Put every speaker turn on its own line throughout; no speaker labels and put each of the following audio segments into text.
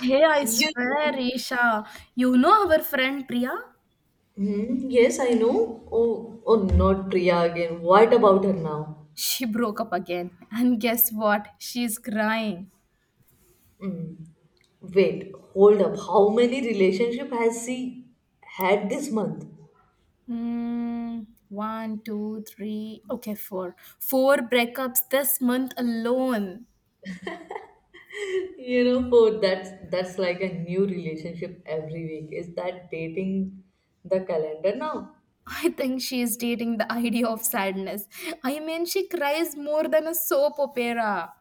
Hey, I
You
swear, Isha, you know our friend Priya?
Hmm, yes, I know. Oh, not Priya again. What about her now?
She broke up again. And guess what? She's crying.
Wait, hold up. How many relationship has she had this month?
Hmm. One, two, three. Okay, four. Four breakups this month alone.
You know, for that's like a new relationship every week. Is that dating the calendar now?
I think she is dating the idea of sadness. I mean, she cries more than a soap opera.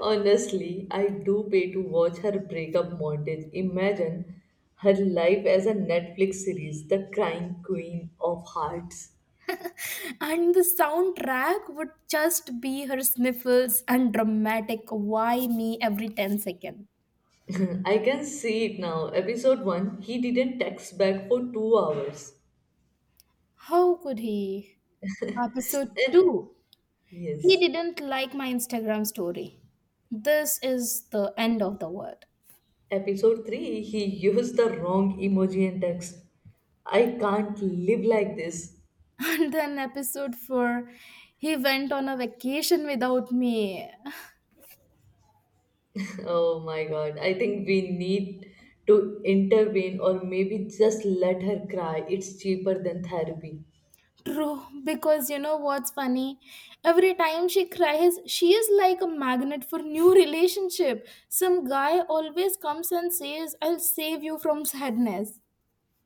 Honestly, I do pay to watch her breakup montage. Imagine her life as a Netflix series, The Crying Queen of Hearts.
And the soundtrack would just be her sniffles and dramatic why me every 10 seconds.
I can see it now. Episode 1, he didn't text back for 2 hours.
How could he? Episode 2. He
Yes.
didn't like my Instagram story. This is the end of the world.
Episode 3, he used the wrong emoji and text. I can't live like this.
And then episode 4. He went on a vacation without me.
Oh my god. I think we need to intervene or maybe just let her cry. It's cheaper than therapy.
True, because you know what's funny? Every time she cries, she is like a magnet for new relationship. Some guy always comes and says, I'll save you from sadness.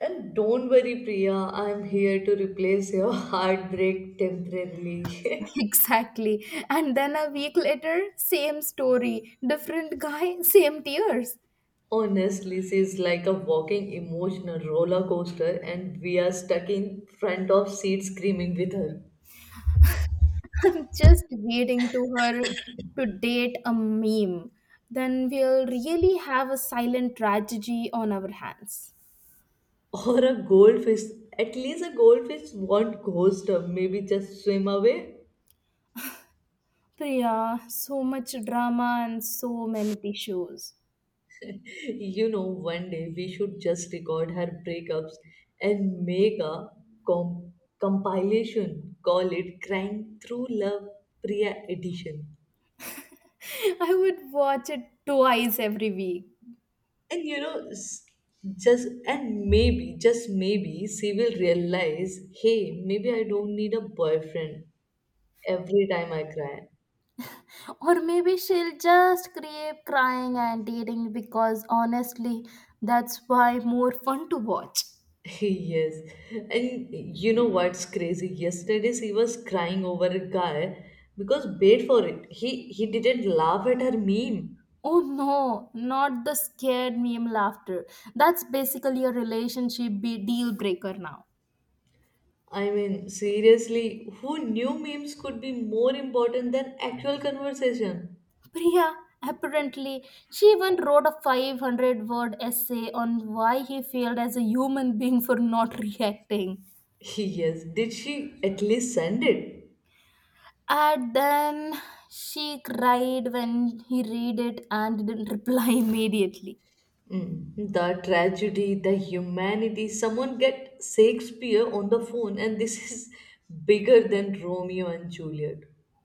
And don't worry, Priya, I'm here to replace your heartbreak temporarily.
Exactly. And then a week later, same story. Different guy, same tears.
Honestly, she's like a walking emotional roller coaster, and we are stuck in front of seat screaming with her.
I'm just waiting to her to date a meme. Then we'll really have a silent tragedy on our hands.
Or a goldfish. At least a goldfish won't ghost her, maybe just swim away.
Priya, so much drama and so many tissues.
You know, one day we should just record her breakups and make a com- compilation. Call it Crying Through Love Priya Edition.
I would watch it twice every week.
And you know, s- just and maybe, just maybe, she will realize, hey, maybe I don't need a boyfriend every time I cry.
Or maybe she'll just keep crying and dating because honestly, that's why more fun to watch.
Yes. And you know what's crazy? Yesterday she was crying over a guy because wait for it. He didn't laugh at her meme.
Oh no, not the scared meme laughter. That's basically a relationship deal breaker now.
I mean, seriously, who knew memes could be more important than actual conversation?
Priya, apparently, she even wrote a 500 word essay on why he failed as a human being for not reacting.
Yes. Did she at least send it?
And then she cried when he read it and didn't reply immediately.
Mm, the tragedy, the humanity. Someone get Shakespeare on the phone, and this is bigger than Romeo and Juliet.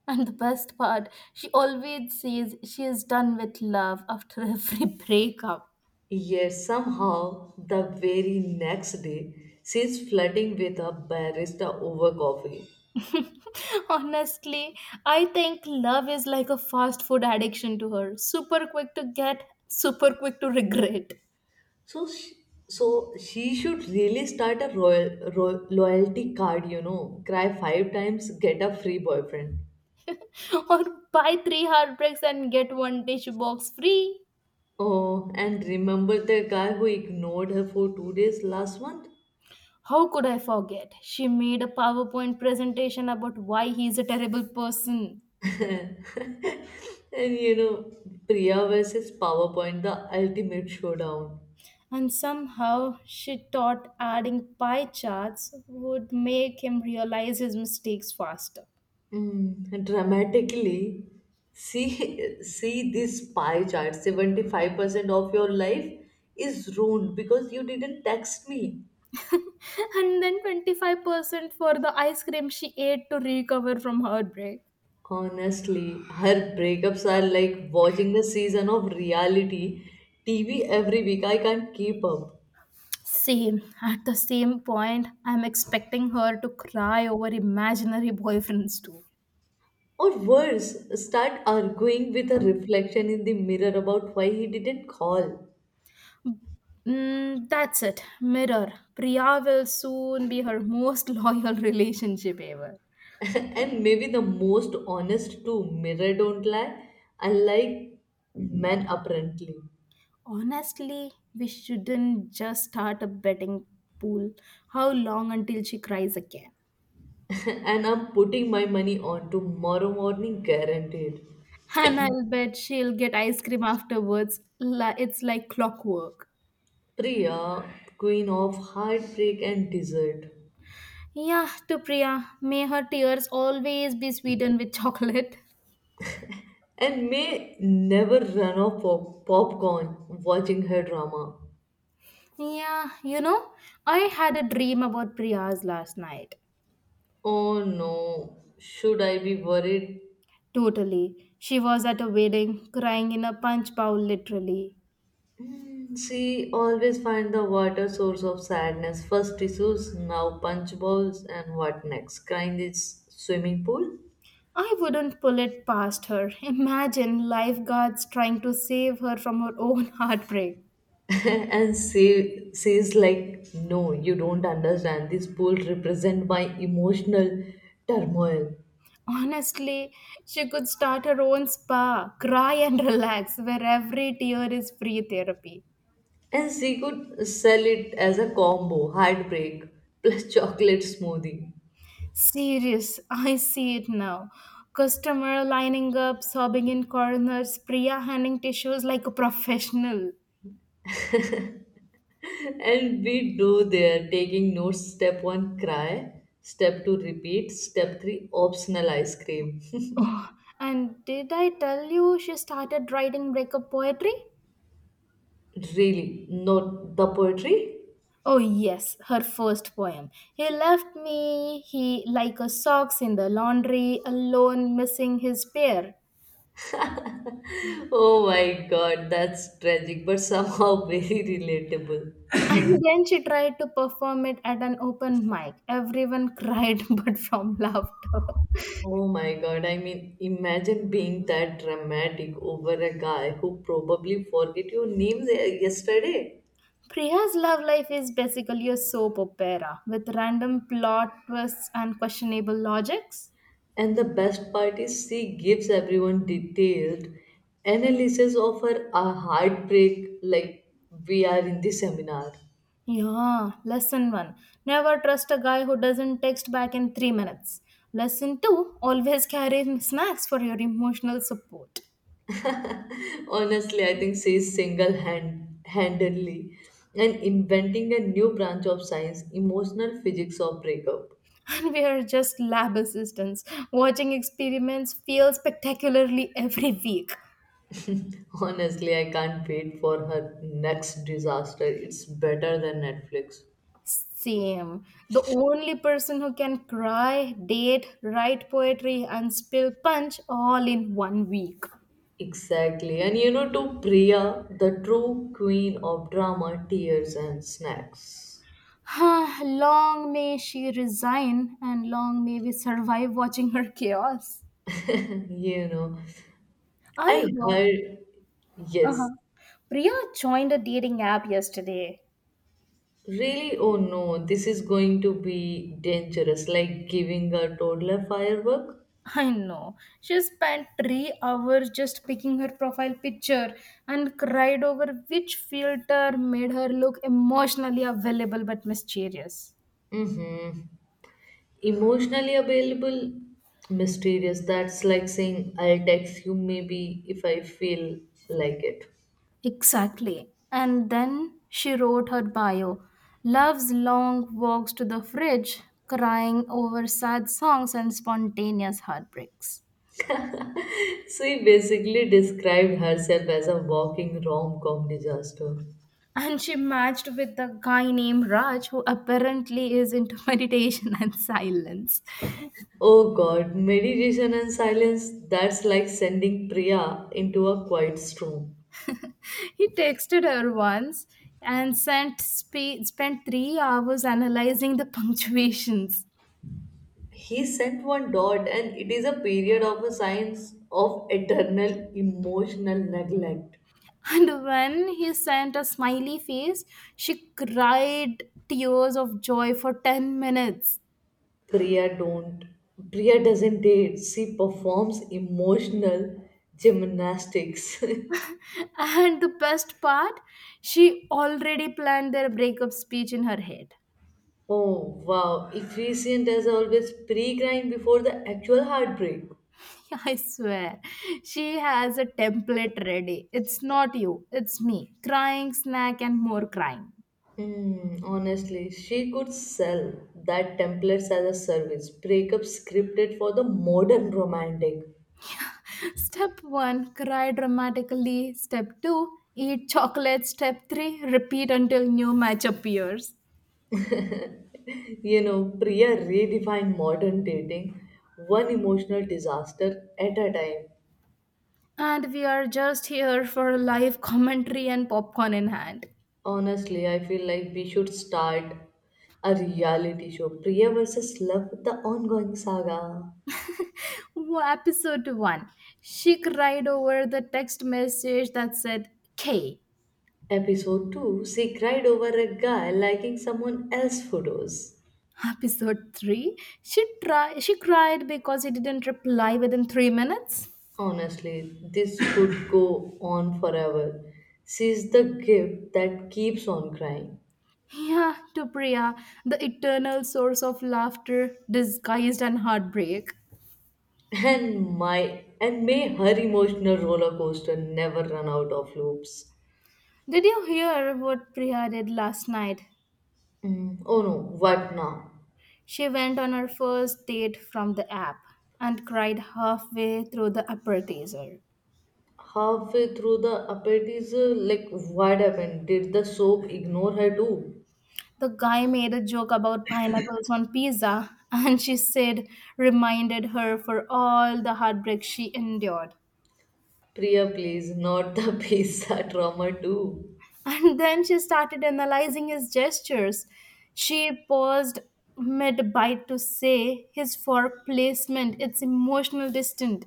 And the best part, she always says she is done with love after every breakup.
Yet somehow, the very next day, she's flirting with a barista over coffee.
Honestly, I think love is like a fast food addiction to her. Super quick to get, super quick to regret.
So, sh so she should really start a royal ro loyalty card, you know. Cry five times, get a free boyfriend.
Or buy three heartbreaks and get one dish box free.
Oh, and remember the guy who ignored her for 2 days last month?
How could I forget? She made a PowerPoint presentation about why he is a terrible person.
And you know, Priya versus PowerPoint, the ultimate showdown.
And somehow she thought adding pie charts would make him realize his mistakes faster.
Mm, dramatically, see see this pie chart. 75% of your life is ruined because you didn't text me.
And then 25% for the ice cream she ate to recover from heartbreak.
Honestly, her breakups are like watching the season of reality TV every week. I can't keep up.
Same. At the same point, I'm expecting her to cry over imaginary boyfriends too.
Or worse, start arguing with a reflection in the mirror about why he didn't call.
Mm, that's it. Mirror. Priya will soon be her most loyal relationship ever.
And maybe the most honest too. Mirror don't lie, unlike men apparently.
Honestly, we shouldn't just start a betting pool. How long until she cries again?
And I'm putting my money on tomorrow morning, guaranteed.
And I'll bet she'll get ice cream afterwards. It's like clockwork.
Priya, queen of heartbreak and dessert,
Yeah, to Priya, may her tears always be sweetened with chocolate.
and may never run off popcorn watching her drama.
Yeah, I had a dream about Priya's last night.
Oh no, should I be worried?
Totally. She was at a wedding, crying in a punch bowl, literally.
She always find the water source of sadness. First tissues, now punch bowls, and what next? Crying is swimming pool.
I wouldn't pull it past her. Imagine lifeguards trying to save her from her own heartbreak.
And she's like, no, you don't understand. This pool represent my emotional turmoil.
Honestly, she could start her own spa, cry and relax, where every tear is free therapy.
And she could sell it as a combo, heartbreak plus chocolate smoothie.
Serious, I see it now. Customer lining up, sobbing in corners, Priya handing tissues like a professional.
And we do there, taking notes. Step one, cry. Step two, repeat. Step three, optional ice cream.
And did I tell you she started writing breakup poetry?
Really, not the poetry?
Oh yes, her first poem. He left me he like a socks in the laundry, alone missing his pair.
Oh my god, that's tragic, but somehow very relatable.
And then she tried to perform it at an open mic. Everyone cried but from laughter.
Oh my god, I mean, imagine being that dramatic over a guy who probably forget your name yesterday.
Priya's love life is basically a soap opera with random plot twists and questionable logics.
And the best part is she gives everyone detailed analysis of her heartbreak like we are in the seminar.
Yeah, lesson one, never trust a guy who doesn't text back in 3 minutes. Lesson two, always carry snacks for your emotional support.
Honestly, I think she is single handedly and inventing a new branch of science, emotional physics of breakup.
And we are just lab assistants. Watching experiments fail spectacularly every week.
Honestly, I can't wait for her next disaster. It's better than Netflix.
Same. The only person who can cry, date, write poetry, and spill punch all in one week.
Exactly. And you know, to Priya, the true queen of drama, tears, and snacks.
Long may she resign, and long may we survive watching her chaos.
You know,
I
I
heard
heard, yes,
uh-huh. Priya joined a dating app yesterday.
really, oh no, this is going to be dangerous, like giving a toddler firework.
I know. She spent 3 hours just picking her profile picture and cried over which filter made her look emotionally available but mysterious.
Emotionally available mysterious that's like saying I'll text you maybe if I feel like it.
Exactly. And then she wrote her bio. Loves long walks to the fridge, crying over sad songs and spontaneous heartbreaks.
She basically described herself as a walking rom-com disaster.
And she matched with a guy named Raj who apparently is into meditation and silence.
Oh god, meditation and silence, that's like sending Priya into a quiet storm.
He texted her once and sent spent 3 hours analyzing the punctuations.
He sent one dot and it is a period of a signs of eternal emotional neglect.
And when he sent a smiley face, she cried tears of joy for 10 minutes.
Priya don't Priya doesn't date. She performs emotional gymnastics.
And the best part, she already planned their breakup speech in her head.
Oh wow. Efficient as always pre grind before the actual heartbreak.
I swear, she has a template ready. It's not you, it's me. Crying, snack, and more crying.
Hmm, honestly, she could sell that templates as a service. Breakup scripted for the modern romantic.
Step 1. Cry dramatically. Step 2. Eat chocolate. Step 3. Repeat until new match appears.
You know, Priya redefined modern dating, one emotional disaster at a time.
And we are just here for live commentary and popcorn in hand.
Honestly, I feel like we should start a reality show. Priya versus Love, the ongoing saga.
Episode 1. She cried over the text message that said K.
Episode 2 She cried over a guy liking someone else's photos.
Episode 3, she cried because he didn't reply within 3 minutes.
Honestly, this could go on forever. She's the gift that keeps on crying.
Yeah, to Priya, the eternal source of laughter disguised and heartbreak.
And may her emotional roller coaster never run out of loops.
Did you hear what Priya did last night?
Mm, oh no, what now?
She went on her first date from the app and cried halfway through the appetizer.
Halfway through the appetizer, like what happened, did the soap ignore her too?
The guy made a joke about pineapples on pizza, and she said, reminded her for all the heartbreak she endured.
Priya, please, not the pizza trauma too.
And then she started analyzing his gestures. She paused mid bite to say his for placement, it's emotional distant.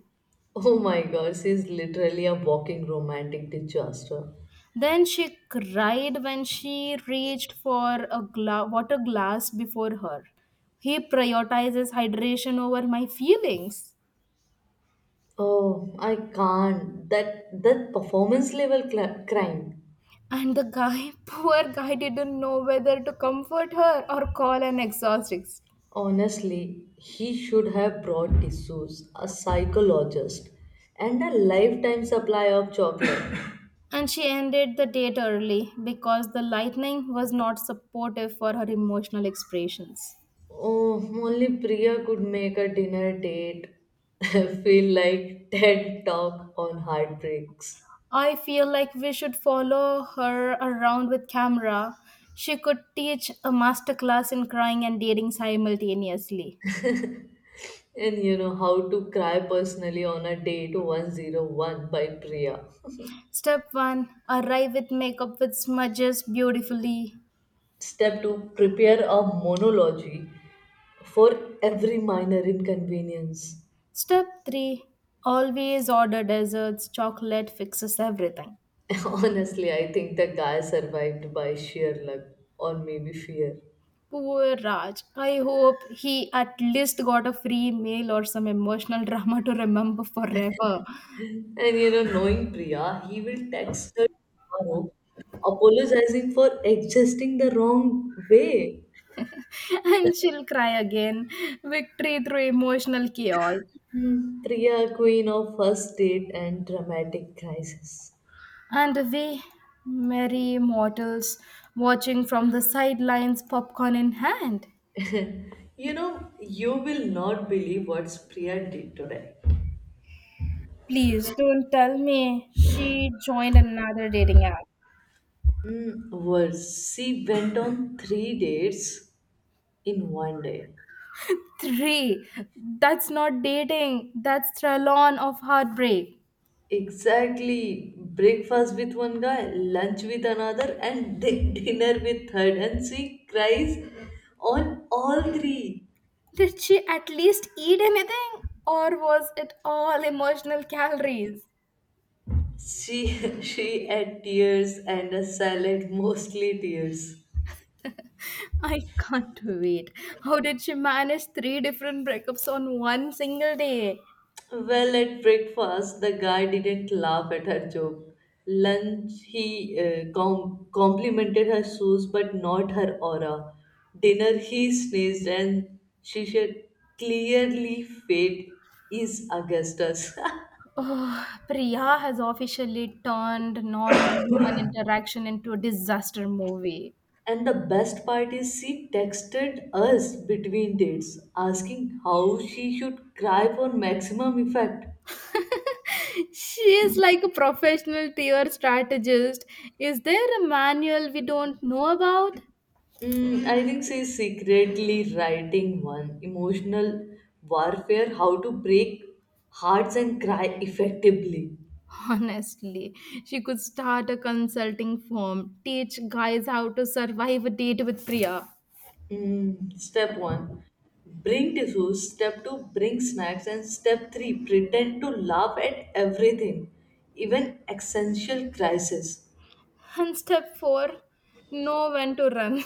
Oh my god, she's literally a walking romantic disaster.
Then she cried when she reached for a water glass before her. He prioritizes hydration over my feelings.
Oh I can't, that performance level cla crime.
And the guy, poor guy, didn't know whether to comfort her or call an exorcist.
Honestly, he should have brought tissues, a psychologist, and a lifetime supply of chocolate.
And she ended the date early because the lightning was not supportive for her emotional expressions.
Oh, only Priya could make a dinner date feel like TED Talk on heartbreaks.
I feel like we should follow her around with camera. She could teach a masterclass in crying and dating simultaneously.
And you know how to cry personally on a date 101 by Priya.
Step 1. Arrive with makeup with smudges beautifully.
Step 2 Prepare a monologue for every minor inconvenience.
Step 3. Always order desserts, chocolate fixes everything.
Honestly, I think the guy survived by sheer luck or maybe fear.
Poor Raj. I hope he at least got a free meal or some emotional drama to remember forever.
And you know, knowing Priya, he will text her tomorrow apologizing for existing the wrong way.
And she'll cry again. Victory through emotional chaos.
Hmm, Priya, queen of first date and dramatic crisis.
And we, merry mortals, watching from the sidelines, popcorn in hand.
You know, you will not believe what Priya did today.
Please don't tell me she joined another dating app.
Hmm, worse, she went on three dates in one day.
Three. That's not dating, that's Trelon of heartbreak.
Exactly. Breakfast with one guy, lunch with another, and di- dinner with third. And she cries on all three.
Did she at least eat anything? Or was it all emotional calories?
She she had tears and a salad, mostly tears.
I can't wait. How did she manage three different breakups on one single day?
Well, at breakfast, the guy didn't laugh at her joke. Lunch, he complimented her shoes but not her aura. Dinner, he sneezed and she said, clearly, fate is Augustus.
Oh, Priya has officially turned normal human interaction into a disaster movie.
And the best part is, she texted us between dates asking how she should cry for maximum effect.
She is like a professional tier strategist. Is there a manual we don't know about?
Mm, I think she's secretly writing one emotional warfare, how to break hearts and cry effectively.
Honestly, she could start a consulting firm, teach guys how to survive a date with Priya.
Mm, step one, bring tissues. Step two, bring snacks. And step three, pretend to laugh at everything, even existential crisis.
And step four, know when to run.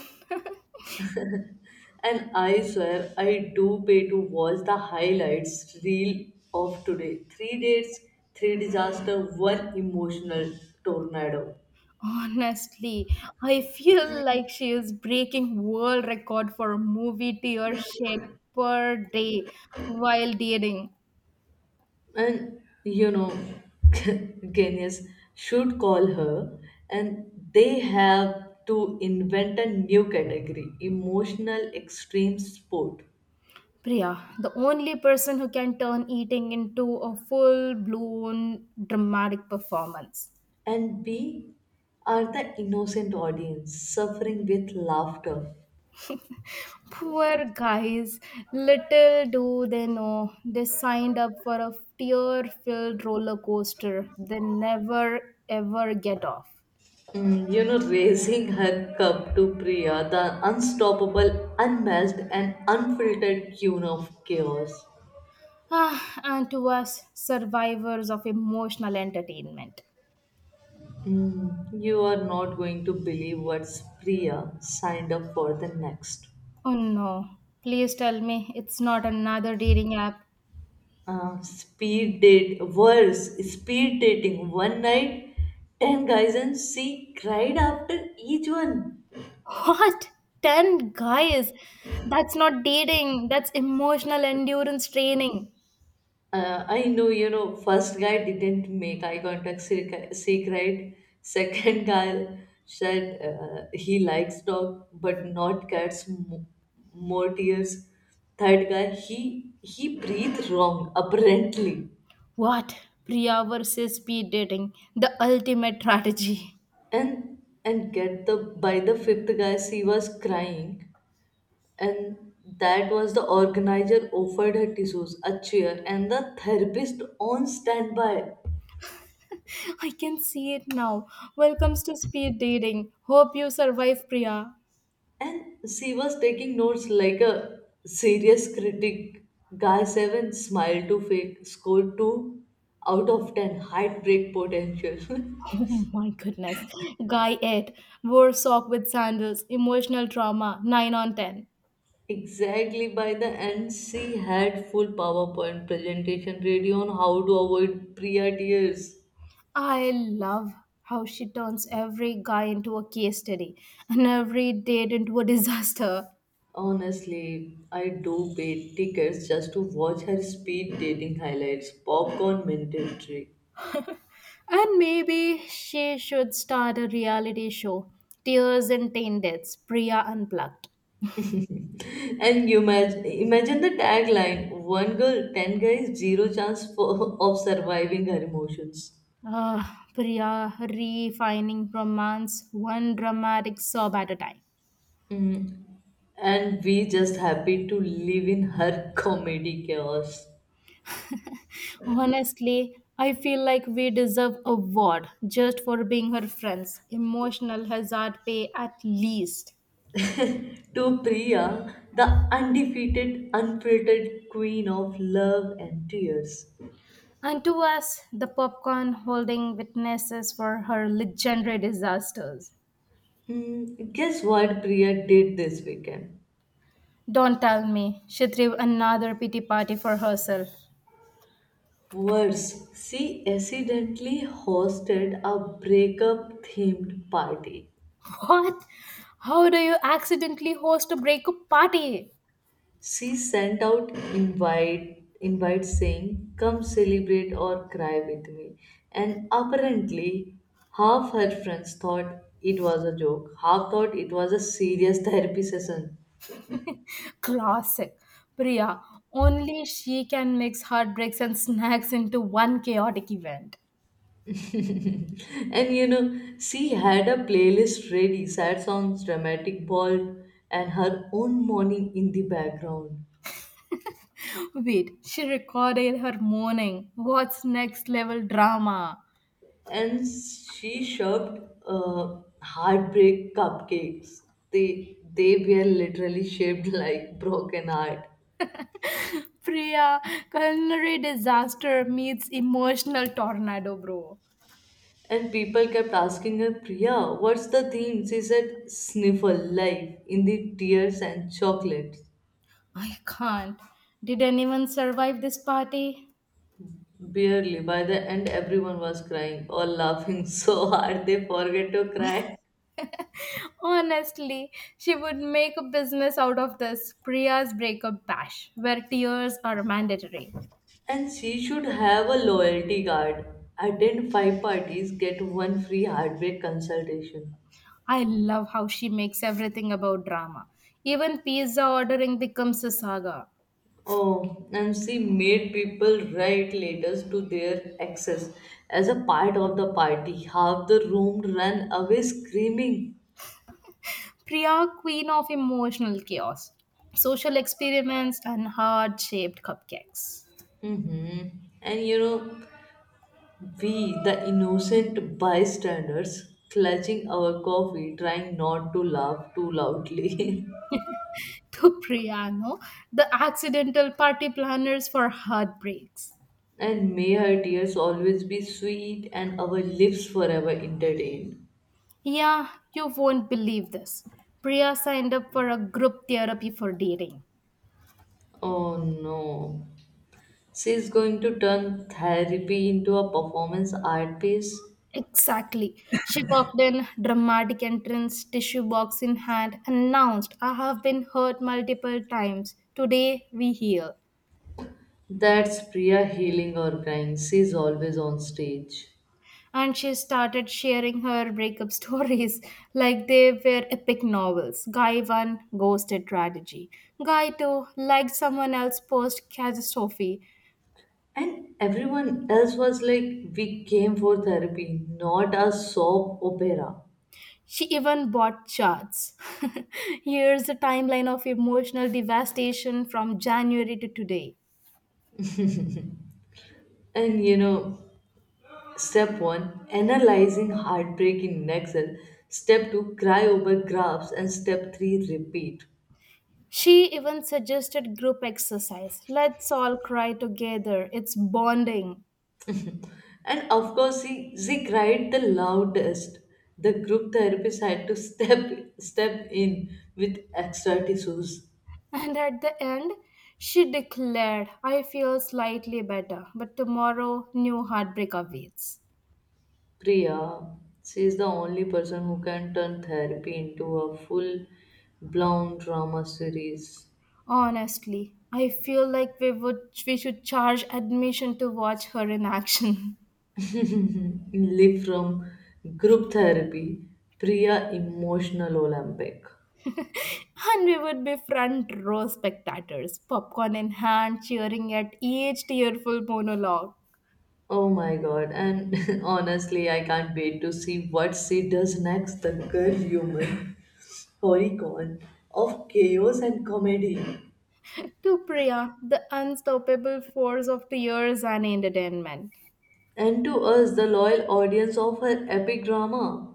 And I swear, I do pay to watch the highlights reel of today. Three dates, three disaster, one emotional tornado.
Honestly, I feel like she is breaking world record for movie tear shed per day while dating.
And you know, genius should call her, and they have to invent a new category, emotional extreme sport.
Priya, the only person who can turn eating into a full blown dramatic performance.
And we are the innocent audience suffering with laughter.
Poor guys, little do they know, they signed up for a tear filled roller coaster they never ever get off.
Mm, you know, raising her cup to Priya, the unstoppable, unmatched, and unfiltered queen of chaos.
Ah, and to us, survivors of emotional entertainment.
Mm, you are not going to believe what Priya signed up for the next.
Oh no, please tell me it's not another dating app.
Speed date worse Speed dating one night, 10 guys, and she cried after each one.
What? 10 guys? That's not dating, that's emotional endurance training.
I know, you know, first guy didn't make eye contact, she cried. Second guy said he likes dog but not cats, more tears. Third guy, he breathed wrong apparently.
What? Priya versus speed dating, the ultimate strategy.
And and get the By the fifth guy she was crying, and that was the organizer offered her tissues, a chair, and the therapist on standby.
I can see it now. Welcomes to speed dating. Hope you survive, Priya.
And she was taking notes like a serious critic. Guy 7 smile to fake, score 2 out of 10, heartbreak potential.
Oh my goodness. Guy 8 wore sock with sandals. Emotional drama. 9 on 10.
Exactly, by the end, she had full PowerPoint presentation ready on how to avoid Priya tears.
I love how she turns every guy into a case study and every date into a disaster.
Honestly, I do pay tickets just to watch her speed dating highlights, popcorn mandatory.
And maybe she should start a reality show. Tears and Teen Priya Unplugged.
And you imagine the tagline one girl, 10 guys, zero chance of surviving her emotions.
Uh, Priya, refining romance, one dramatic sob at a time.
And we just happy to live in her comedy chaos.
Honestly, I feel like we deserve award just for being her friends. Emotional hazard pay at least.
To Priya, the undefeated, unfiltered queen of love and tears.
And to us, the popcorn holding witnesses for her legendary disasters.
Hmm, guess what Priya did this weekend?
Don't tell me she threw another pity party for herself.
Worse, she accidentally hosted a breakup themed party.
What? How do you accidentally host a breakup party?
She sent out invite saying come celebrate or cry with me, and apparently half her friends thought it was a joke, half thought it was a serious therapy session.
Classic. Priya, only she can mix heartbreaks and snacks into one chaotic event.
And you know, she had a playlist ready, sad songs, dramatic ball, and her own mourning in the background.
Wait, she recorded her morning. What's next level drama?
And she served heartbreak cupcakes. They were literally shaped like broken heart.
Priya, culinary disaster meets emotional tornado, bro.
And people kept asking her, Priya, what's the theme? She said, sniffle, life, in the tears and chocolates.
I can't. Did anyone survive this party?
Barely. By the end, everyone was crying or laughing so hard they forget to cry.
Honestly, she would make a business out of this Priya's breakup bash, where tears are mandatory.
And she should have a loyalty card. Attend five parties, get one free heartbreak consultation.
I love how she makes everything about drama. Even pizza ordering becomes a saga.
Oh, and she made people write letters to their exes as a part of the party. Half the room ran away screaming.
Priya, queen of emotional chaos, social experiments, and heart shaped cupcakes.
Hmm. And you know, we, the innocent bystanders, clutching our coffee, trying not to laugh too loudly.
To Priyano, the accidental party planners for heartbreaks.
And may her tears always be sweet and our lips forever entertained.
Yeah, you won't believe this. Priya signed up for a group therapy for dating.
Oh no. She's going to turn therapy into a performance art piece.
Exactly. She walked in, dramatic entrance, tissue box in hand, announced, I have been hurt multiple times. Today we heal.
That's Priya healing or crying. She's always on stage.
And she started sharing her breakup stories like they were epic novels. Guy 1, ghosted tragedy. Guy 2, liked someone else post catastrophe.
And everyone else was like, we came for therapy, not a soap opera.
She even bought charts. Here's a timeline of emotional devastation from January to today.
And you know, step one, analyzing heartbreak in Excel. Step two, cry over graphs. And step three, repeat.
She even suggested group exercise. Let's all cry together. It's bonding.
And of course, she cried the loudest. The group therapist had to step in with extra tissues.
And at the end, she declared, I feel slightly better, but tomorrow new heartbreak awaits.
Priya, she is the only person who can turn therapy into a full blown drama series.
Honestly, I feel like we should charge admission to watch her in action.
Live from group therapy, Priya Emotional Olympic.
And we would be front row spectators, popcorn in hand, cheering at each tearful monologue.
Oh my god, and honestly, I can't wait to see what she does next. The girl human horicon of chaos and comedy.
To Priya, the unstoppable force of tears and entertainment.
And to us, the loyal audience of her epic drama.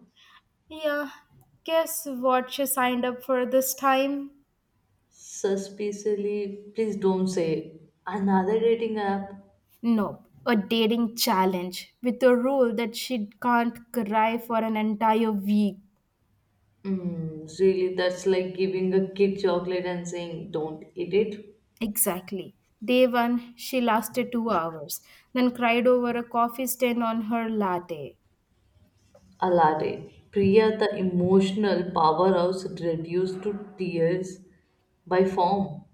Yeah, guess what she signed up for this time?
Suspiciously, please don't say another dating app.
Nope, a dating challenge with a rule that she can't cry for an entire week.
Mm, really, that's like giving a kid chocolate and saying, don't eat it.
Exactly. Day one, she lasted 2 hours, then cried over a coffee stain on her latte.
A latte. Priya, the emotional powerhouse reduced to tears by form.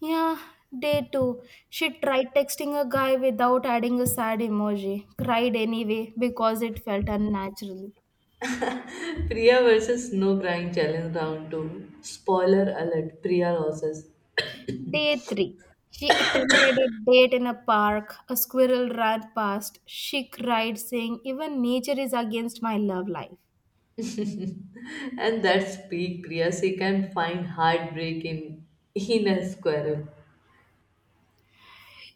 Yeah, day two. She tried texting a guy without adding a sad emoji, cried anyway because it felt unnatural.
Priya versus no crying challenge round 2. Spoiler alert, Priya loses.
Day 3. She attempted a date in a park. A squirrel ran past. She cried, saying, Even nature is against my love life.
And that's peak Priya. She can find heartbreak in a squirrel.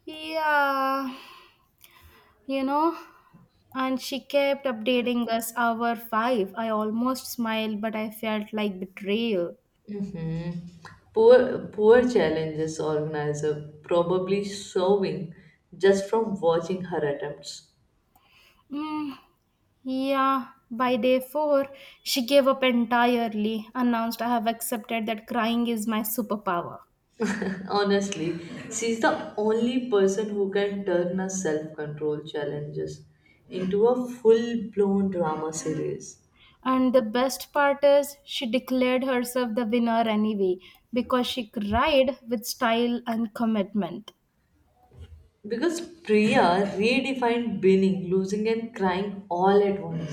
Yeah, you know. And she kept updating us hour 5. I almost smiled, but I felt like betrayal.
Poor challenges organizer, probably sewing just from watching her attempts.
Mm, yeah, by day 4, she gave up entirely, announced, I have accepted that crying is my superpower.
Honestly, she's the only person who can turn her self control challenges into a full blown drama series.
And the best part is, she declared herself the winner anyway because she cried with style and commitment.
Because Priya redefined winning, losing, and crying all at once.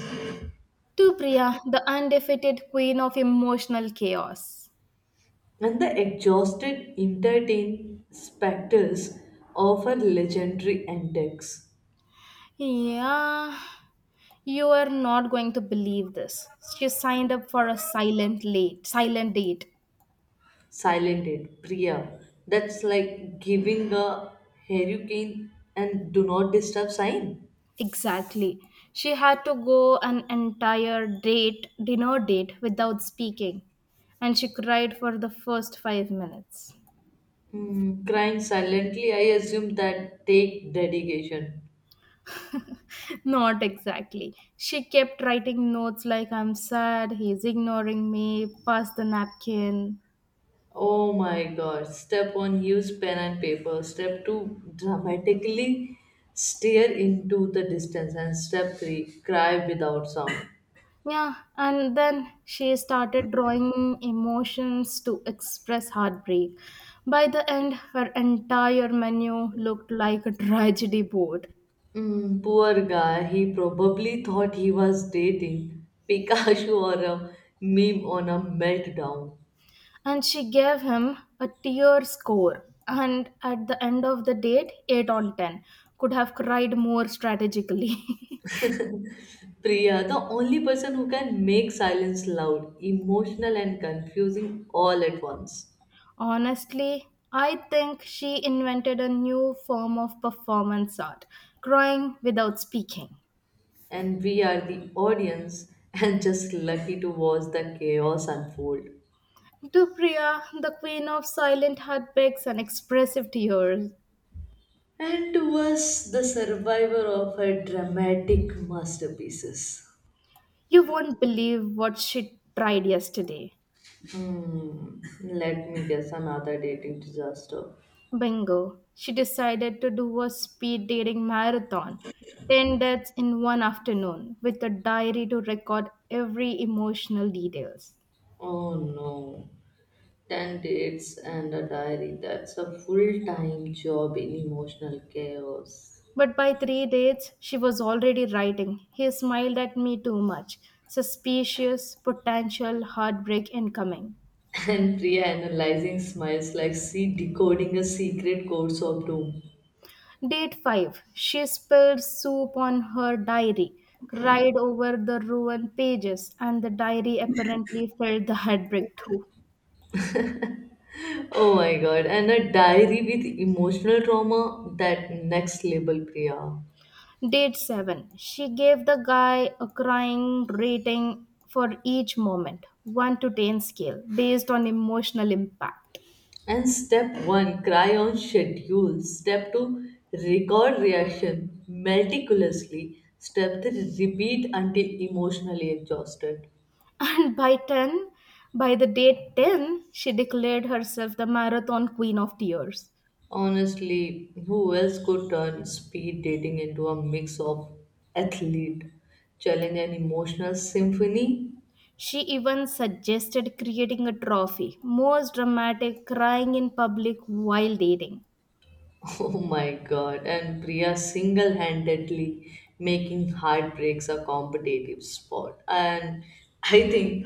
To Priya, the undefeated queen of emotional chaos.
And the exhausted, entertained specters of her legendary antics.
Yeah, you are not going to believe this. She signed up for a silent date.
Silented, Priya. That's like giving a hurricane and do not disturb sign.
Exactly. She had to go an entire date, dinner date without speaking, and she cried for the first 5 minutes.
Hmm, crying silently, I assume that take dedication.
Not exactly. She kept writing notes like, I'm sad, he's ignoring me, pass the napkin.
Oh my god. Step one, use pen and paper. Step two, dramatically stare into the distance. And step three, cry without sound.
Yeah, and then she started drawing emotions to express heartbreak. By the end, her entire menu looked like a tragedy board.
Mm, poor guy, he probably thought he was dating Pikachu or a meme on a meltdown.
And she gave him a tier score. And at the end of the date, 8 on 10. Could have cried more strategically.
Priya, the only person who can make silence loud, emotional, and confusing all at once.
Honestly, I think she invented a new form of performance art, crying without speaking.
And we are the audience and just lucky to watch the chaos unfold.
Dupriya, the queen of silent heartbreaks and expressive tears,
And to us, the survivor of her dramatic masterpieces.
you won't believe what she tried yesterday.
Hmm, let me guess another dating disaster.
Bingo, she decided to do a speed dating marathon, 10 dates in one afternoon, with a diary to record every emotional details.
Oh no. 10 dates and a diary. That's a full time job in emotional chaos.
But by three dates, she was already writing. He smiled at me too much. Suspicious, potential heartbreak incoming.
And Priya analyzing smiles like she decoding a secret codes of doom.
Date 5. She spilled soup on her diary, cried over the ruined pages, and the diary apparently felt the heartbreak too.
Oh my god, and a diary with emotional trauma, that next level Priya.
Date 7. She gave the guy a crying rating for each moment, 1 to 10 scale, based on emotional impact.
And step one, cry on schedule. Step two, record reaction meticulously. Step three, repeat until emotionally exhausted.
And by the date 10, she declared herself the marathon queen of tears.
Honestly, who else could turn speed dating into a mix of athlete, challenge, and emotional symphony?
She even suggested creating a trophy, most dramatic crying in public while dating.
Oh my god, and Priya single handedly making heartbreaks a competitive sport. And I think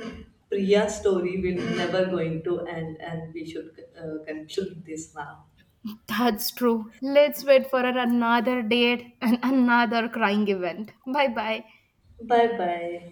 Priya's story will never going to end, and we should conclude this now.
That's true. Let's wait for another date and another crying event. Bye bye.
Bye bye.